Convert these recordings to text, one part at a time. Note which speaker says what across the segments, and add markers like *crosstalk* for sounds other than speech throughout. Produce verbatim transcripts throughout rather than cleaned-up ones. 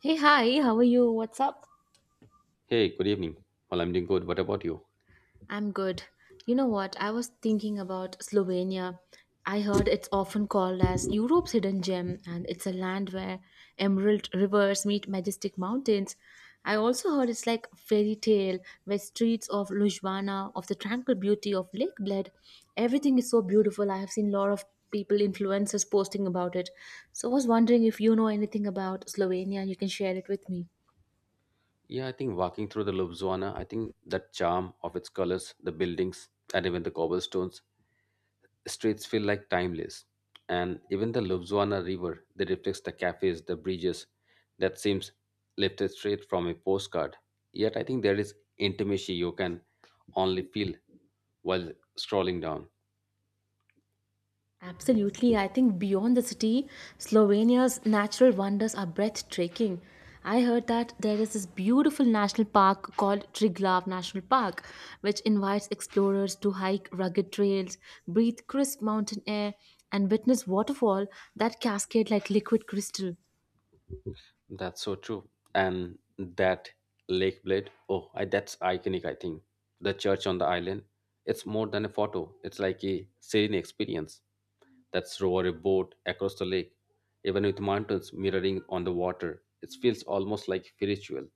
Speaker 1: Hey, hi, how are you? What's up?
Speaker 2: Hey, good evening. Well, I'm doing good. What about you?
Speaker 1: I'm good. You know what? I was thinking about Slovenia. I heard it's often called as Europe's hidden gem, and it's a land where emerald rivers meet majestic mountains. I also heard it's like fairy tale, where streets of Ljubljana, of the tranquil beauty of Lake Bled, everything is so beautiful. I have seen a lot of people, influencers posting about it. So I was wondering if you know anything about Slovenia, you can share it with me.
Speaker 2: Yeah, I think walking through the Ljubljana, I think the charm of its colors, the buildings, and even the cobblestones, streets feel like timeless. And even the Ljubljana River that reflects the cafes, the bridges, that seems lifted straight from a postcard. Yet I think there is intimacy you can only feel while strolling down.
Speaker 1: Absolutely. I think beyond the city, Slovenia's natural wonders are breathtaking. I heard that there is this beautiful national park called Triglav National Park, which invites explorers to hike rugged trails, breathe crisp mountain air, and witness waterfall that cascade like liquid crystal.
Speaker 2: That's so true. And that lake blade, oh, I, that's iconic, I think. The church on the island, it's more than a photo, it's like a serene experience. That's row a boat across the lake, even with mountains mirroring on the water. It feels almost like spiritual.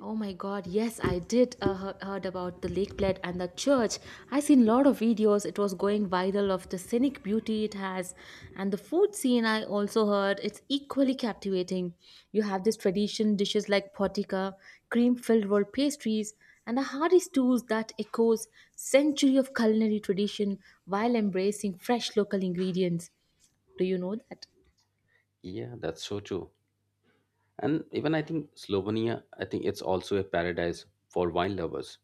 Speaker 1: Oh my god, yes, I did uh, he- heard about the lake plate and the church. I seen a lot of videos. It was going viral of the scenic beauty it has, and the food scene I also heard it's equally captivating. You have this tradition dishes like potica, cream-filled roll pastries and the hearty stews that echoes century of culinary tradition while embracing fresh local ingredients. Do you know that?
Speaker 2: Yeah, that's so true. And even I think Slovenia, I think it's also a paradise for wine lovers.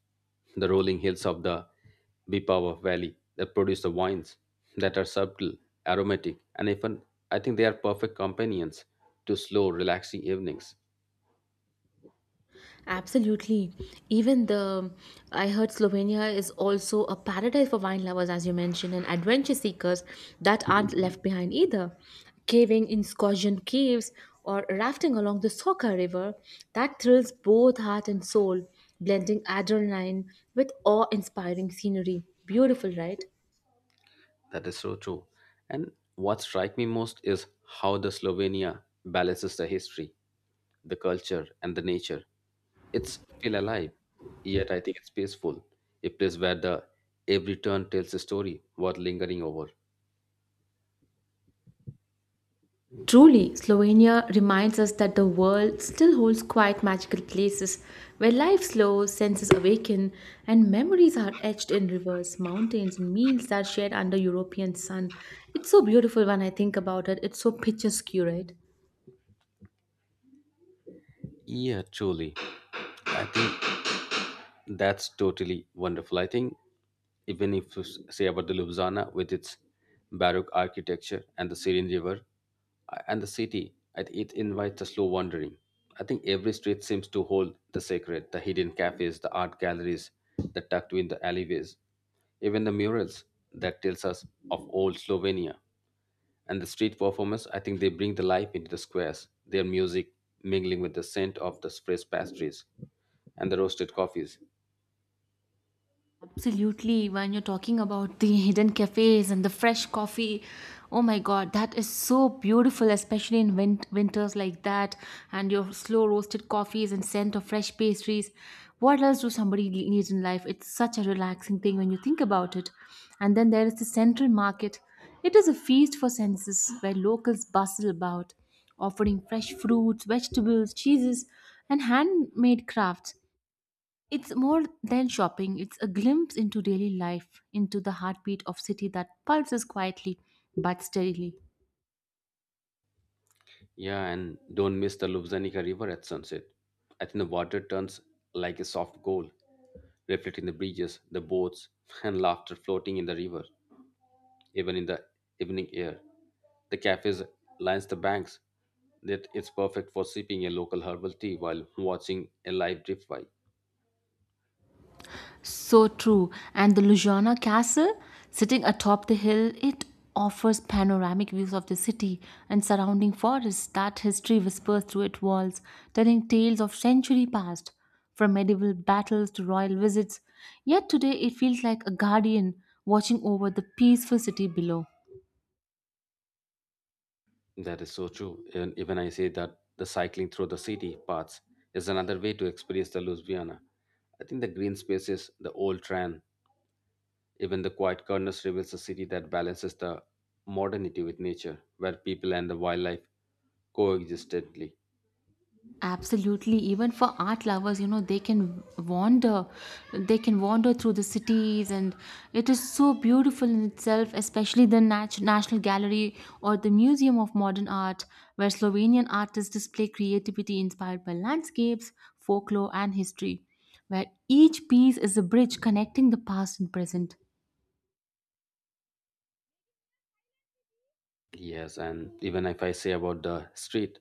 Speaker 2: The rolling hills of the Bipava Valley that produce the wines that are subtle, aromatic, and even I think they are perfect companions to slow, relaxing evenings.
Speaker 1: Absolutely. Even the I heard Slovenia is also a paradise for wine lovers, as you mentioned, and adventure seekers that aren't left behind either. Caving in Scotian caves or rafting along the Soka River that thrills both heart and soul, blending adrenaline with awe-inspiring scenery. Beautiful, right?
Speaker 2: That is so true. And what strikes me most is how the Slovenia balances the history, the culture, and the nature. It's feel alive, yet I think it's peaceful. A place where the every turn tells a story worth lingering over.
Speaker 1: Truly, Slovenia reminds us that the world still holds quite magical places where life slows, senses awaken, and memories are etched in rivers, mountains, and meals that are shared under European sun. It's so beautiful when I think about it. It's so picturesque, right?
Speaker 2: Yeah, truly. I think that's totally wonderful. I think even if you s- say about the Ljubljana with its Baroque architecture and the Syrian river uh, and the city, I thi- it invites a slow wandering. I think every street seems to hold the sacred, the hidden cafes, the art galleries that tucked in the alleyways, even the murals that tells us of old Slovenia. And the street performers, I think they bring the life into the squares, their music mingling with the scent of the fresh pastries and the roasted coffees.
Speaker 1: Absolutely. When you're talking about the hidden cafes and the fresh coffee, oh my god, that is so beautiful, especially in win- winters like that, and your slow roasted coffees and scent of fresh pastries. What else do somebody le- need in life? It's such a relaxing thing when you think about it. And then there is the central market. It is a feast for senses where locals bustle about, offering fresh fruits, vegetables, cheeses, and handmade crafts. It's more than shopping, it's a glimpse into daily life, into the heartbeat of city that pulses quietly but steadily.
Speaker 2: Yeah, and don't miss the Lubzanica River at sunset. I think the water turns like a soft gold, reflecting the bridges, the boats, and laughter floating in the river, even in the evening air. The cafes lines the banks. That it's perfect for sipping a local herbal tea while watching a live drift by.
Speaker 1: So true. And the Lujana Castle, sitting atop the hill, it offers panoramic views of the city and surrounding forests that history whispers through its walls, telling tales of century past, from medieval battles to royal visits. Yet today it feels like a guardian watching over the peaceful city below.
Speaker 2: That is so true. And even I say that the cycling through the city paths is another way to experience the Louisiana. I think the green spaces, the old tram, even the quiet corners reveals a city that balances the modernity with nature, where people and the wildlife coexistently.
Speaker 1: Absolutely, even for art lovers, you know they can wander they can wander through the cities, and it is so beautiful in itself, especially the Nat- national Gallery or the Museum of Modern Art, where Slovenian artists display creativity inspired by landscapes, folklore and history, where each piece is a bridge connecting the past and present.
Speaker 2: Yes, and even if I say about the street,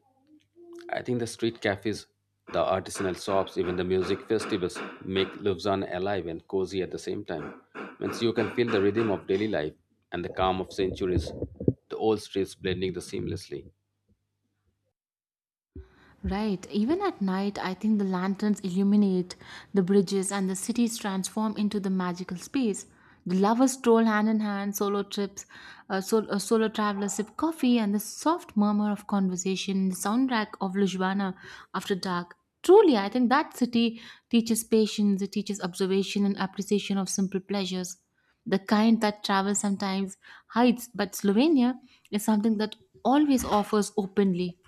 Speaker 2: I think the street cafes, the artisanal shops, even the music festivals make Lufzana alive and cozy at the same time. Means you can feel the rhythm of daily life and the calm of centuries, the old streets blending the seamlessly.
Speaker 1: Right. Even at night, I think the lanterns illuminate the bridges and the cities transform into the magical space. The lovers stroll hand in hand, solo trips, uh, sol- uh, solo travelers sip coffee, and the soft murmur of conversation, the soundtrack of Lujwana after dark. Truly, I think that city teaches patience, it teaches observation and appreciation of simple pleasures. The kind that travel sometimes hides, but Slovenia is something that always offers openly.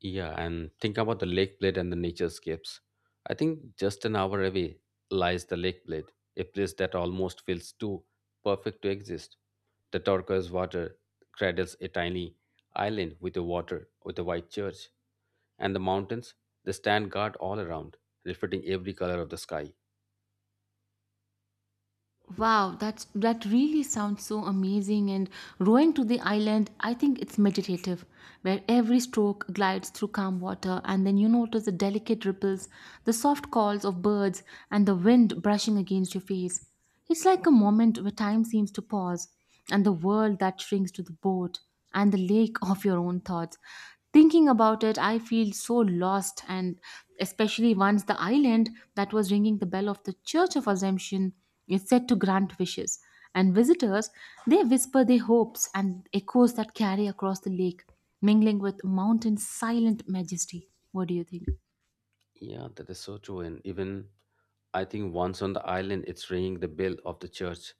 Speaker 2: Yeah, and think about the lake blade and the nature scapes. I think just an hour away lies the lake blade, a place that almost feels too perfect to exist. The turquoise water cradles a tiny island with a water with a white church, and the mountains they stand guard all around, reflecting every color of the sky.
Speaker 1: Wow, that's that really sounds so amazing. And rowing to the island, I think it's meditative, where every stroke glides through calm water, and then you notice the delicate ripples, the soft calls of birds, and the wind brushing against your face. It's like a moment where time seems to pause, and the world that shrinks to the boat and the lake of your own thoughts. Thinking about it, I feel so lost, and especially once the island that was ringing the bell of the Church of Assumption is said to grant wishes, and visitors they whisper their hopes and echoes that carry across the lake, mingling with mountain's silent majesty. What do you think?
Speaker 2: Yeah, that is so true. And even I think once on the island, it's ringing the bell of the church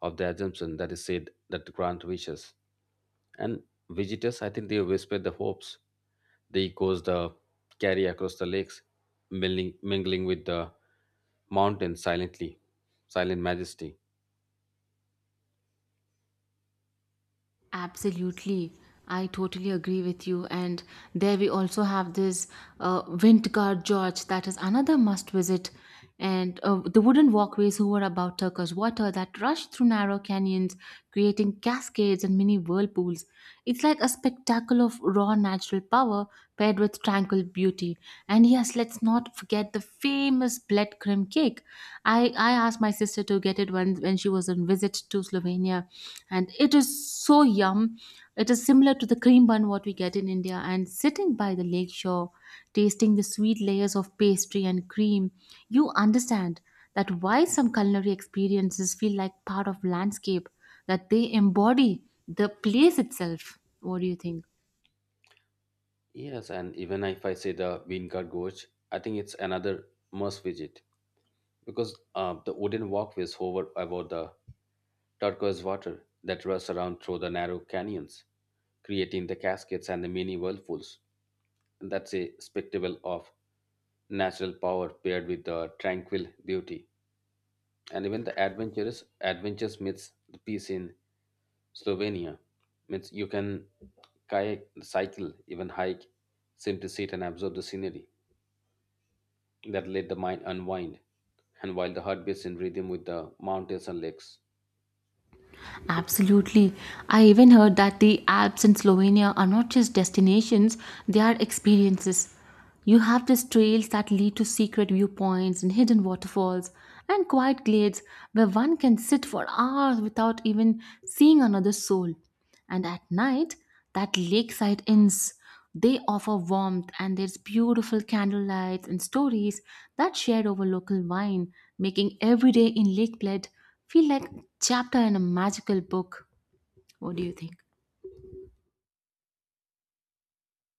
Speaker 2: of the Assumption that is said that grant wishes. And visitors, I think they whisper the hopes. The echoes the carry across the lakes, mingling, mingling with the mountains silently, silent majesty.
Speaker 1: Absolutely. I totally agree with you. And there we also have this uh, Windgard Gorge that is another must visit. And uh, the wooden walkways who were about Turkish water that rush through narrow canyons, creating cascades and mini whirlpools. It's like a spectacle of raw natural power paired with tranquil beauty. And yes, let's not forget the famous Bled creme cake. I, I asked my sister to get it when, when she was on visit to Slovenia, and it is so yum. It is similar to the cream bun what we get in India, and sitting by the lake shore, tasting the sweet layers of pastry and cream, you understand that why some culinary experiences feel like part of landscape, that they embody the place itself. What do you think?
Speaker 2: Yes, and even if I say the Wingard Gorge, I think it's another must visit because uh, the wooden walkways hover above the turquoise water that rushed around through the narrow canyons, creating the cascades and the mini whirlpools. That's a spectacle of natural power paired with the tranquil beauty. And even the adventurous adventures meets the peace in Slovenia. Means you can kayak, cycle, even hike, simply sit and observe the scenery that let the mind unwind, and while the heart beats in rhythm with the mountains and lakes.
Speaker 1: Absolutely. I even heard that the Alps in Slovenia are not just destinations, they are experiences. You have these trails that lead to secret viewpoints and hidden waterfalls and quiet glades where one can sit for hours without even seeing another soul. And at night, that lakeside inns, they offer warmth and there's beautiful candlelight and stories that shared over local wine, making every day in Lake Bled feel like a chapter in a magical book. What do you think?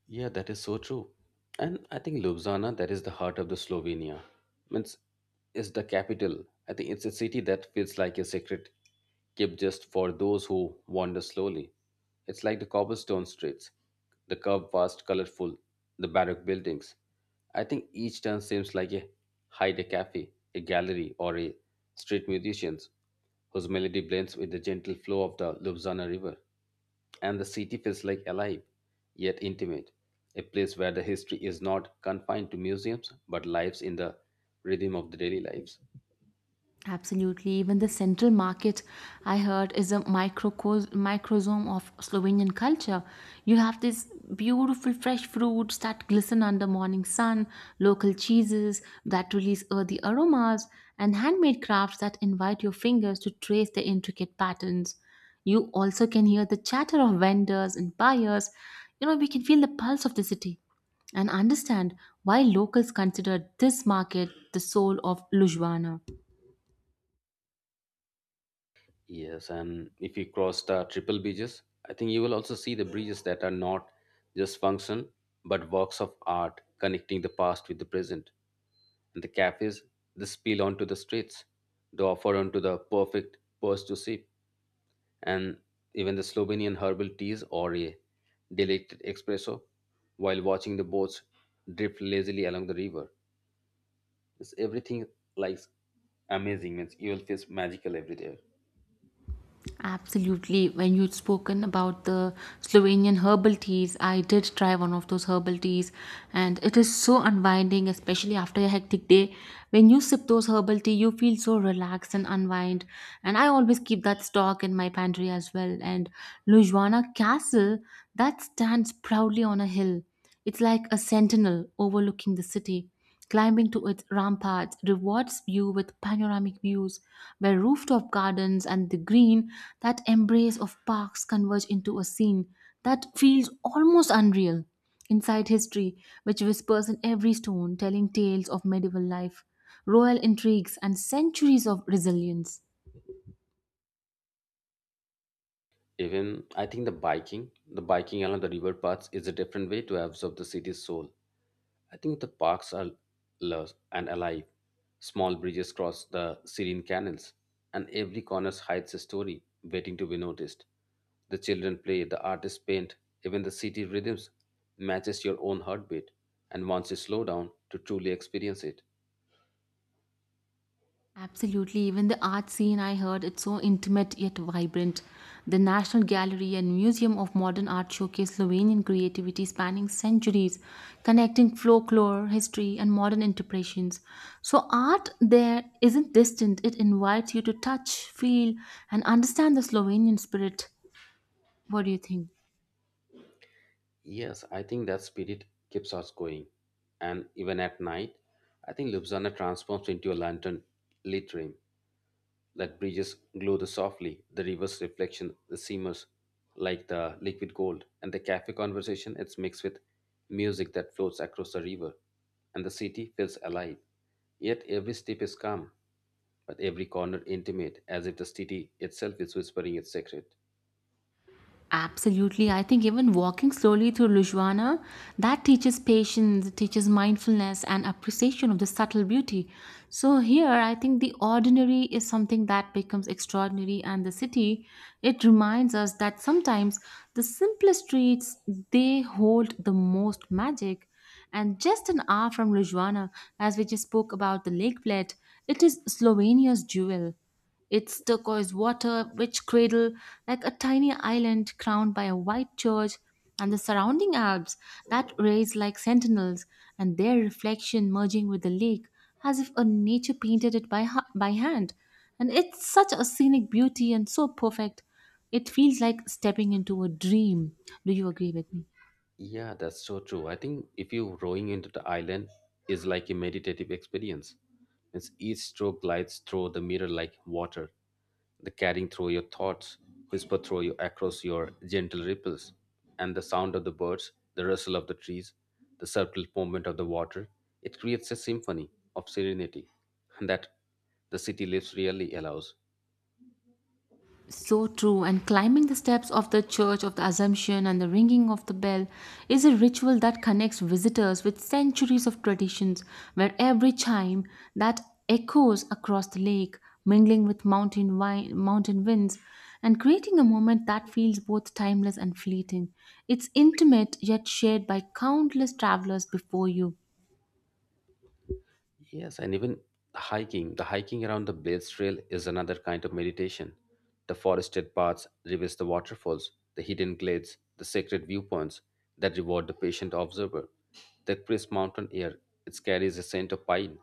Speaker 2: Yeah, that is so true. And I think Ljubljana, that is the heart of the Slovenia, means is the capital. I think it's a city that feels like a secret kept just for those who wander slowly. It's like the cobblestone streets, the curved, vast, colorful, the baroque buildings. I think each turn seems like a hide a cafe, a gallery, or a street musicians whose melody blends with the gentle flow of the Ljubljana River, and the city feels like alive yet intimate, a place where the history is not confined to museums but lives in the rhythm of the daily lives.
Speaker 1: Absolutely. Even the central market, I heard, is a microcos- microsome of Slovenian culture. You have these beautiful fresh fruits that glisten under morning sun, local cheeses that release earthy aromas, and handmade crafts that invite your fingers to trace the intricate patterns. You also can hear the chatter of vendors and buyers. You know, we can feel the pulse of the city and understand why locals consider this market the soul of Lujwana.
Speaker 2: Yes, and if you cross the triple bridges, I think you will also see the bridges that are not just function but works of art connecting the past with the present. And the cafes, they spill onto the streets, they offer onto the perfect purse to sip and even the Slovenian herbal teas or a delected espresso while watching the boats drift lazily along the river. It's everything like amazing, means you'll feel magical every day.
Speaker 1: Absolutely. When you'd spoken about the Slovenian herbal teas, I did try one of those herbal teas, and it is so unwinding, especially after a hectic day. When you sip those herbal tea, you feel so relaxed and unwind. And I always keep that stock in my pantry as well. And Lujwana Castle, that stands proudly on a hill. It's like a sentinel overlooking the city. Climbing to its ramparts rewards you with panoramic views where rooftop gardens and the green that embrace of parks converge into a scene that feels almost unreal. Inside history, which whispers in every stone, telling tales of medieval life, royal intrigues, and centuries of resilience.
Speaker 2: Even I think the biking, the biking along the river paths is a different way to absorb the city's soul. I think the parks are lush and alive. Small bridges cross the serene canals, and every corner hides a story waiting to be noticed. The children play, the artists paint, even the city rhythms matches your own heartbeat and wants you slow down to truly experience it.
Speaker 1: Absolutely. Even the art scene, I heard, it's so intimate yet vibrant. The National Gallery and Museum of Modern Art showcase Slovenian creativity spanning centuries, connecting folklore, history, and modern interpretations. So, art there isn't distant, it invites you to touch, feel, and understand the Slovenian spirit. What do you think?
Speaker 2: Yes, I think that spirit keeps us going. And even at night, I think Ljubljana transforms into a lantern lit dream that bridges glow softly, the river's reflection, the seamers like the liquid gold, and the cafe conversation it's mixed with music that floats across the river, and the city feels alive. Yet every step is calm, but every corner intimate, as if the city itself is whispering its secret.
Speaker 1: Absolutely. I think even walking slowly through Lujwana, that teaches patience, it teaches mindfulness and appreciation of the subtle beauty. So here I think the ordinary is something that becomes extraordinary and the city, it reminds us that sometimes the simplest streets they hold the most magic. And just an hour from Lujwana, as we just spoke about the lake plate, it is Slovenia's jewel. It's turquoise water, which cradle like a tiny island crowned by a white church and the surrounding Alps that raise like sentinels and their reflection merging with the lake as if a nature painted it by, ha- by hand. And it's such a scenic beauty and so perfect. It feels like stepping into a dream. Do you agree with me?
Speaker 2: Yeah, that's so true. I think if you rowing into the island is like a meditative experience. It's each stroke glides through the mirror like water, the carrying through your thoughts, whisper through you across your gentle ripples, and the sound of the birds, the rustle of the trees, the subtle movement of the water. It creates a symphony of serenity that the city lives really allows.
Speaker 1: So true. And climbing the steps of the Church of the Assumption and the ringing of the bell is a ritual that connects visitors with centuries of traditions, where every chime that echoes across the lake, mingling with mountain, wi- mountain winds, and creating a moment that feels both timeless and fleeting. It's intimate yet shared by countless travelers before you.
Speaker 2: Yes, and even hiking, the hiking around the Blades Trail is another kind of meditation. The forested paths, reveals the waterfalls, the hidden glades, the sacred viewpoints that reward the patient observer. The crisp mountain air, it carries a scent of pine,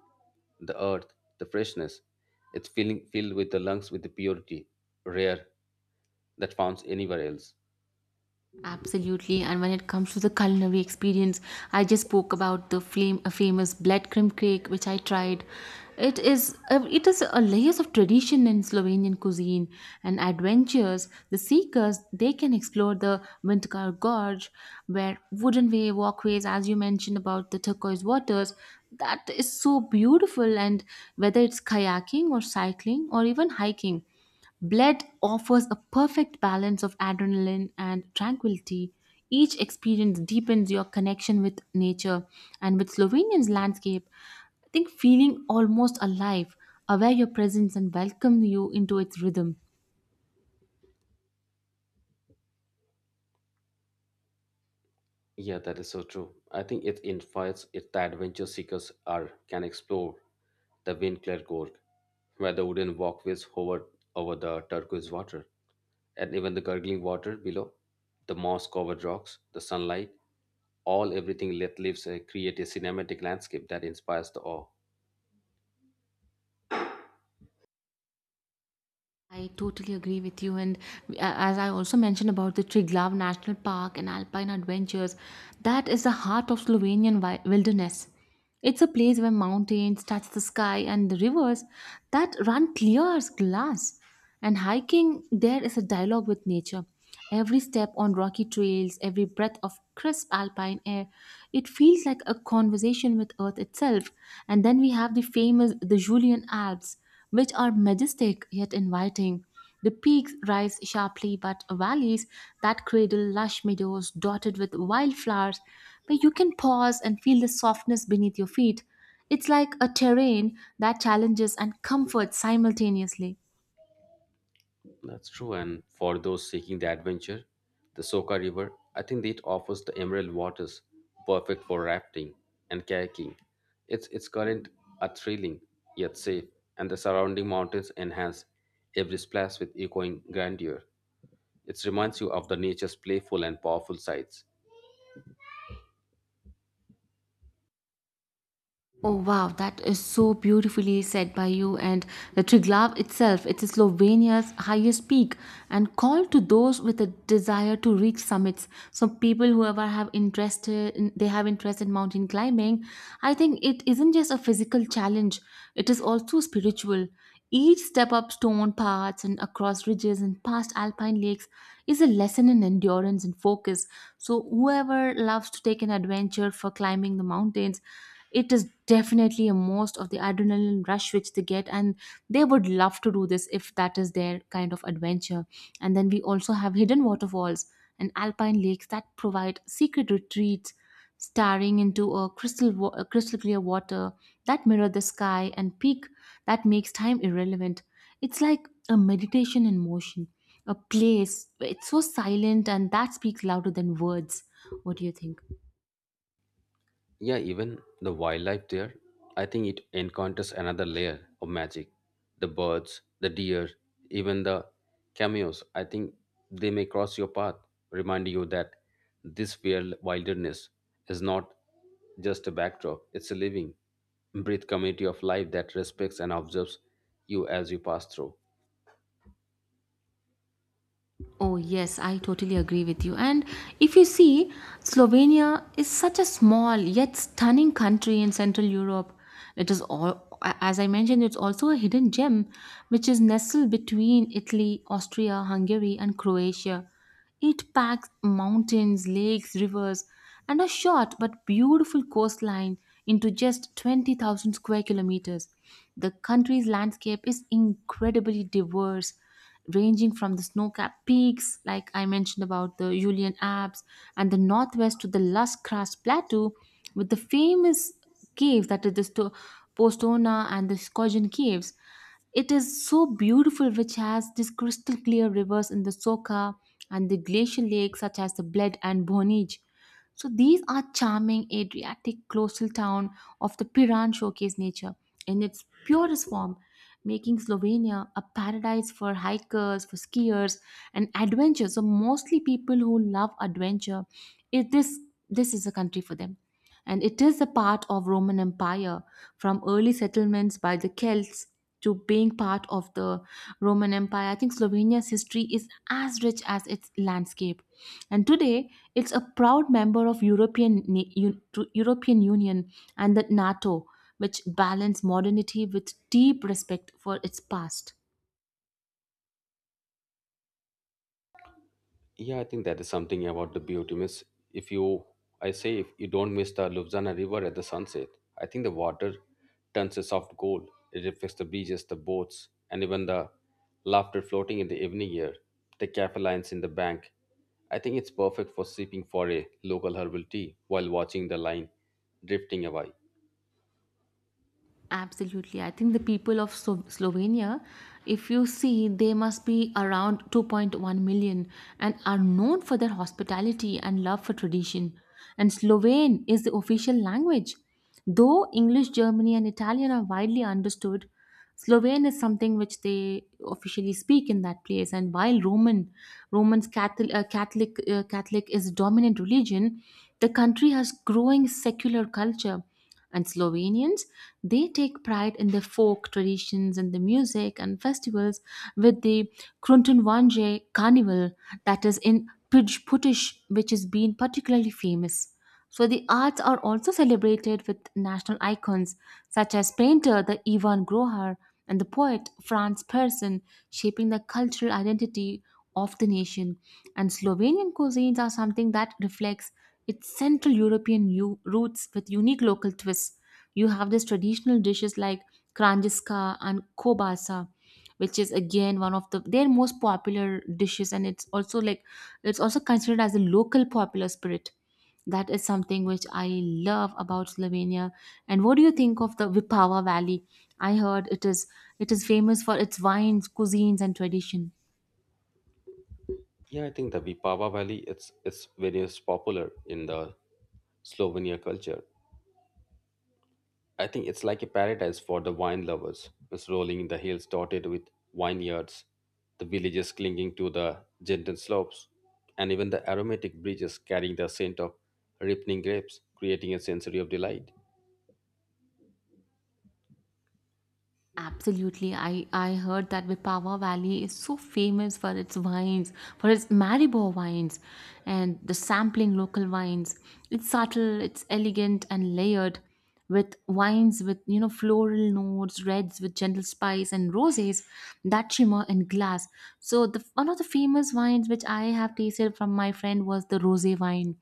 Speaker 2: the earth, the freshness. It's filling filled with the lungs with the purity, rare, that found anywhere else.
Speaker 1: Absolutely, and when it comes to the culinary experience, I just spoke about the flame, uh, famous blood crumb cake, which I tried. It is uh, it is a layers of tradition in Slovenian cuisine and adventures. The seekers they can explore the Vintikar Gorge, where wooden way walkways, as you mentioned about the turquoise waters, that is so beautiful. And whether it's kayaking or cycling or even hiking. Bled offers a perfect balance of adrenaline and tranquility. Each experience deepens your connection with nature and with Slovenian's landscape. I think feeling almost alive, aware your presence and welcome you into its rhythm.
Speaker 2: Yeah, that is so true. I think it invites it the adventure seekers are can explore the wind Winkler Gorge, where the wooden walkways hover over the turquoise water, and even the gurgling water below, the moss-covered rocks, the sunlight, all everything that lives uh, create a cinematic landscape that inspires the awe.
Speaker 1: I totally agree with you. And uh, as I also mentioned about the Triglav National Park and alpine adventures, that is the heart of Slovenian wi- wilderness. It's a place where mountains touch the sky and the rivers that run clear as glass. And hiking there is a dialogue with nature. Every step on rocky trails, every breath of crisp alpine air, it feels like a conversation with Earth itself. And then we have the famous the Julian Alps which are majestic yet inviting. The peaks rise sharply, but valleys that cradle lush meadows dotted with wildflowers, where you can pause and feel the softness beneath your feet. It's like a terrain that challenges and comforts simultaneously.
Speaker 2: That's true. And for those seeking the adventure, the Soka River, I think it offers the emerald waters, perfect for rafting and kayaking. Its its current are thrilling yet safe, and the surrounding mountains enhance every splash with echoing grandeur. It reminds you of the nature's playful and powerful sides.
Speaker 1: Oh wow, that is so beautifully said by you. And the Triglav itself, it is Slovenia's highest peak and called to those with a desire to reach summits. So people whoever have interest in, they have interest in mountain climbing. I think it isn't just a physical challenge; it is also spiritual. Each step up stone paths and across ridges and past alpine lakes is a lesson in endurance and focus. So whoever loves to take an adventure for climbing the mountains, it is definitely a most of the adrenaline rush which they get, and they would love to do this if that is their kind of adventure. And then we also have hidden waterfalls and alpine lakes that provide secret retreats. Staring into a crystal wa- a crystal clear water that mirror the sky and peak, that makes time irrelevant. It's like a meditation in motion, a place it's so silent and that speaks louder than words. What do you think?
Speaker 2: Yeah, even the wildlife there, I think it encounters another layer of magic. The birds, the deer, even the cameos, I think they may cross your path, remind you that this wild wilderness is not just a backdrop, it's a living, breathe community of life that respects and observes you as you pass through.
Speaker 1: Oh, yes, I totally agree with you. And if you see, Slovenia is such a small yet stunning country in Central Europe. It is all, as I mentioned, it's also a hidden gem which is nestled between Italy, Austria, Hungary, and Croatia. It packs mountains, lakes, rivers, and a short but beautiful coastline into just twenty thousand square kilometers. The country's landscape is incredibly diverse, ranging from the snow-capped peaks, like I mentioned about the Julian Alps, and the northwest to the Lush-Kraft Plateau, with the famous caves, that is the Sto- Postona and the Skogan Caves. It is so beautiful, which has these crystal clear rivers in the Soka and the glacial lakes such as the Bled and Bonij. So these are charming Adriatic coastal town of the Piran showcase nature in its purest form, making Slovenia a paradise for hikers, for skiers, and adventure. So mostly people who love adventure, it, this this is a country for them. And it is a part of Roman Empire, from early settlements by the Celts to being part of the Roman Empire. I think Slovenia's history is as rich as its landscape. And today, it's a proud member of European Na- U- to European Union and the NATO, which balance modernity with deep respect for its past.
Speaker 2: Yeah, I think that is something about the beauty. Miss, if you, I say, if you don't miss the Lubzana River at the sunset, I think the water turns a soft gold. It reflects the beaches, the boats, and even the laughter floating in the evening air. The cafe lines in the bank. I think it's perfect for sipping for a local herbal tea while watching the line drifting away.
Speaker 1: Absolutely. I think the people of Slo- Slovenia, if you see, they must be around two point one million and are known for their hospitality and love for tradition. And Slovene is the official language. Though English, Germany, and Italian are widely understood, Slovene is something which they officially speak in that place. And while Roman, Roman Catholic, uh, Catholic, uh, Catholic is dominant religion, the country has growing secular culture, and Slovenians, they take pride in their folk traditions and the music and festivals, with the Kruntunvanje carnival that is in Pij Putish, which has been particularly famous. So the arts are also celebrated with national icons such as painter the Ivan Grohar and the poet Franz Persson, shaping the cultural identity of the nation. And Slovenian cuisines are something that reflects it's Central European u- roots with unique local twists. You have these traditional dishes like kranjiska and kobasa, which is again one of the their most popular dishes, and it's also like it's also considered as a local popular spirit. That is something which I love about Slovenia. And what do you think of the Vipava Valley? I heard it is it is famous for its wines, cuisines, and tradition.
Speaker 2: Yeah, I think the Vipava Valley it's it's very popular in the Slovenia culture. I think it's like a paradise for the wine lovers. It's rolling in the hills dotted with vineyards, the villages clinging to the gentle slopes, and even the aromatic breezes carrying the scent of ripening grapes, creating a sensory of delight.
Speaker 1: Absolutely. I, I heard that Vipava Valley is so famous for its wines, for its Maribor wines, and the sampling local wines. It's subtle, it's elegant and layered, with wines with, you know, floral notes, reds with gentle spice, and roses that shimmer in glass. So the one of the famous wines which I have tasted from my friend was the rosé wine.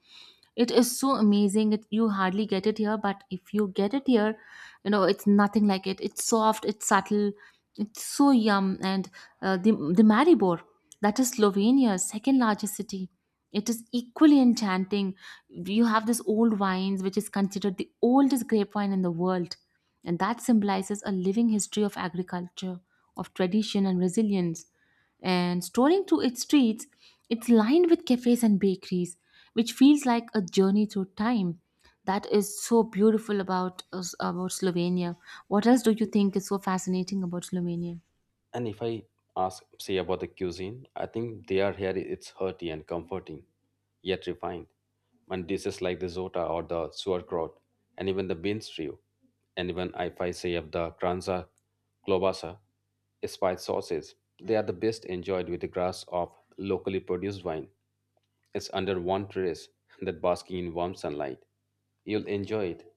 Speaker 1: It is so amazing, it, you hardly get it here, but if you get it here, you know, it's nothing like it. It's soft, it's subtle, it's so yum. And uh, the, the maribor, that is Slovenia's second largest city, it is equally enchanting. You have this old wines which is considered the oldest grape wine in the world, and that symbolizes a living history of agriculture, of tradition and resilience, and strolling through its streets, it's lined with cafes and bakeries, which feels like a journey through time. That is so beautiful about us- about Slovenia. What else do you think is so fascinating about Slovenia?
Speaker 2: And if I ask, say about the cuisine, I think they are here. It's hearty and comforting, yet refined. And dishes like the zota or the sauerkraut, and even the bean stew, and even if I say of the kranza, klobasa, spiced sauces, they are the best enjoyed with the glass of locally produced wine. It's under one terrace that basking in warm sunlight. You'll enjoy it.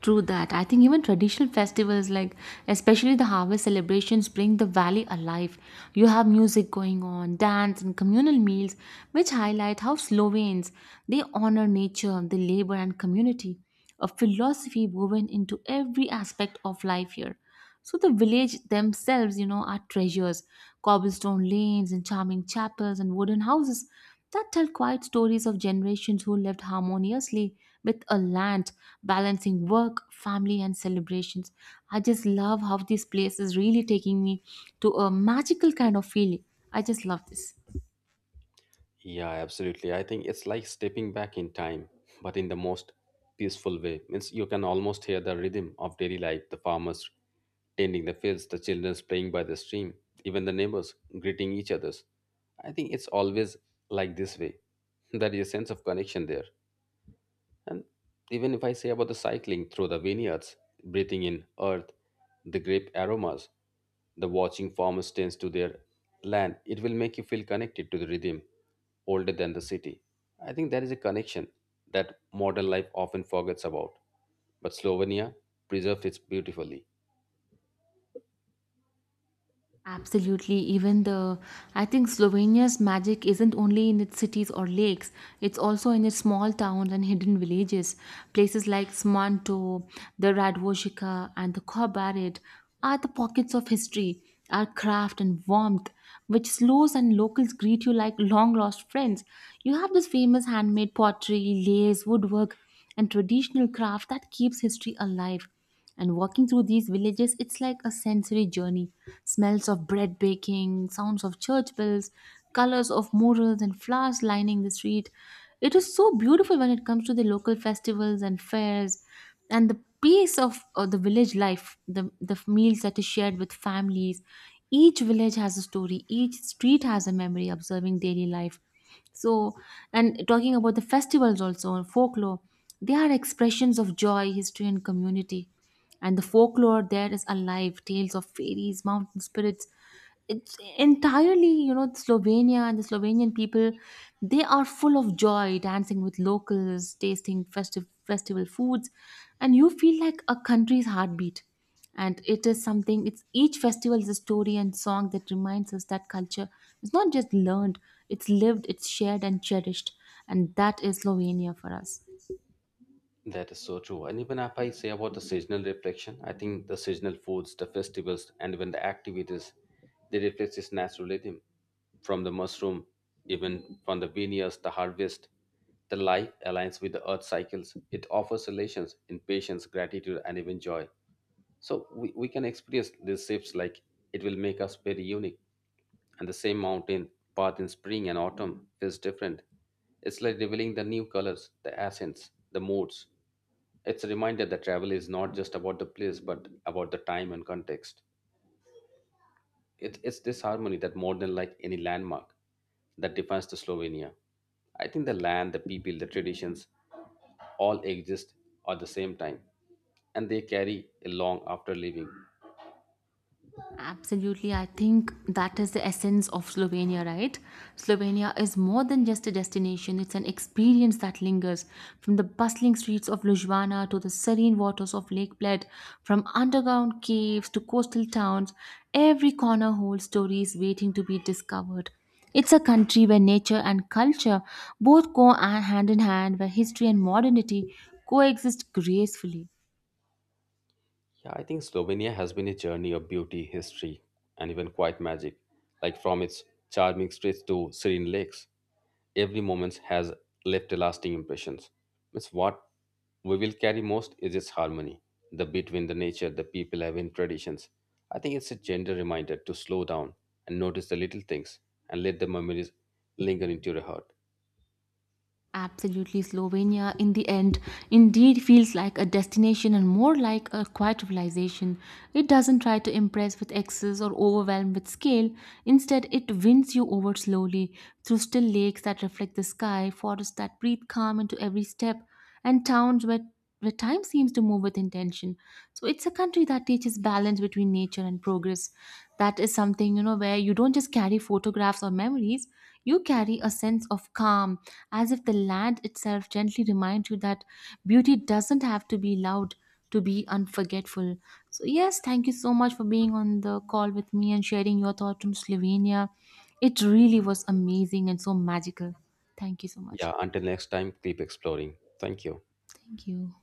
Speaker 1: True that. I think even traditional festivals, like especially the harvest celebrations, bring the valley alive. You have music going on, dance, and communal meals, which highlight how Slovenes they honor nature, the labor, and community, a philosophy woven into every aspect of life here. So the village themselves, you know, are treasures, cobblestone lanes and charming chapels and wooden houses that tell quiet stories of generations who lived harmoniously with a land, balancing work, family, and celebrations. I just love how this place is really taking me to a magical kind of feeling. I just love this.
Speaker 2: Yeah, absolutely. I think it's like stepping back in time, but in the most peaceful way. Means you can almost hear the rhythm of daily life, the farmers tending the fields, the children playing by the stream, even the neighbors greeting each others. I think it's always like this way. *laughs* There is a sense of connection there. And even if I say about the cycling through the vineyards, breathing in earth, the grape aromas, the watching farmers tends to their land, it will make you feel connected to the rhythm older than the city. I think there is a connection that modern life often forgets about. But Slovenia preserves it beautifully.
Speaker 1: Absolutely. Even the, I think Slovenia's magic isn't only in its cities or lakes, it's also in its small towns and hidden villages. Places like Smanto, the Radvojika, and the Kobarid are the pockets of history, our craft and warmth, which slows and locals greet you like long lost friends. You have this famous handmade pottery, lace, woodwork, and traditional craft that keeps history alive. And walking through these villages, it's like a sensory journey. Smells of bread baking, sounds of church bells, colors of murals and flowers lining the street. It is so beautiful when it comes to the local festivals and fairs and the pace of uh, the village life, the, the meals that is shared with families. Each village has a story, each street has a memory observing daily life. So, and talking about the festivals also, and folklore, they are expressions of joy, history, and community. And the folklore there is alive, tales of fairies, mountain spirits. It's entirely, you know, Slovenia, and the Slovenian people, they are full of joy, dancing with locals, tasting festive festival foods, and you feel like a country's heartbeat. And it is something, it's each festival is a story and song that reminds us that culture is not just learned, it's lived, it's shared and cherished. And that is Slovenia for us.
Speaker 2: That is so true. And even if I say about the seasonal reflection, I think the seasonal foods, the festivals, and even the activities, they reflect this natural rhythm from the mushroom, even from the vineyards, the harvest. The life aligns with the earth cycles. It offers relations in patience, gratitude, and even joy. So we, we can experience these shifts like it will make us very unique. And the same mountain path in spring and autumn feels different. It's like revealing the new colors, the accents, the moods. It's a reminder that travel is not just about the place, but about the time and context. It, it's this harmony that more than like any landmark that defines the Slovenia. I think the land, the people, the traditions all exist at the same time, and they carry along after leaving.
Speaker 1: Absolutely. I think that is the essence of Slovenia, right? Slovenia is more than just a destination, it's an experience that lingers from the bustling streets of Ljubljana to the serene waters of Lake Bled, from underground caves to coastal towns. Every corner holds stories waiting to be discovered. It's a country where nature and culture both go hand in hand, where history and modernity coexist gracefully.
Speaker 2: Yeah, I think Slovenia has been a journey of beauty, history, and even quiet magic, like from its charming streets to serene lakes. Every moment has left a lasting impressions. It's what we will carry most is its harmony, the between the nature, the people have in traditions. I think it's a gentle reminder to slow down and notice the little things and let the memories linger into your heart.
Speaker 1: Absolutely, Slovenia in the end indeed feels like a destination and more like a quiet civilization. It doesn't try to impress with excess or overwhelm with scale. Instead, it wins you over slowly through still lakes that reflect the sky, forests that breathe calm into every step, and towns where, where time seems to move with intention. So, it's a country that teaches balance between nature and progress. That is something, you know, where you don't just carry photographs or memories, you carry a sense of calm, as if the land itself gently reminds you that beauty doesn't have to be loud to be unforgettable. So, yes, thank you so much for being on the call with me and sharing your thoughts on Slovenia. It really was amazing and so magical. Thank you so much.
Speaker 2: Yeah, until next time, keep exploring. Thank you.
Speaker 1: Thank you.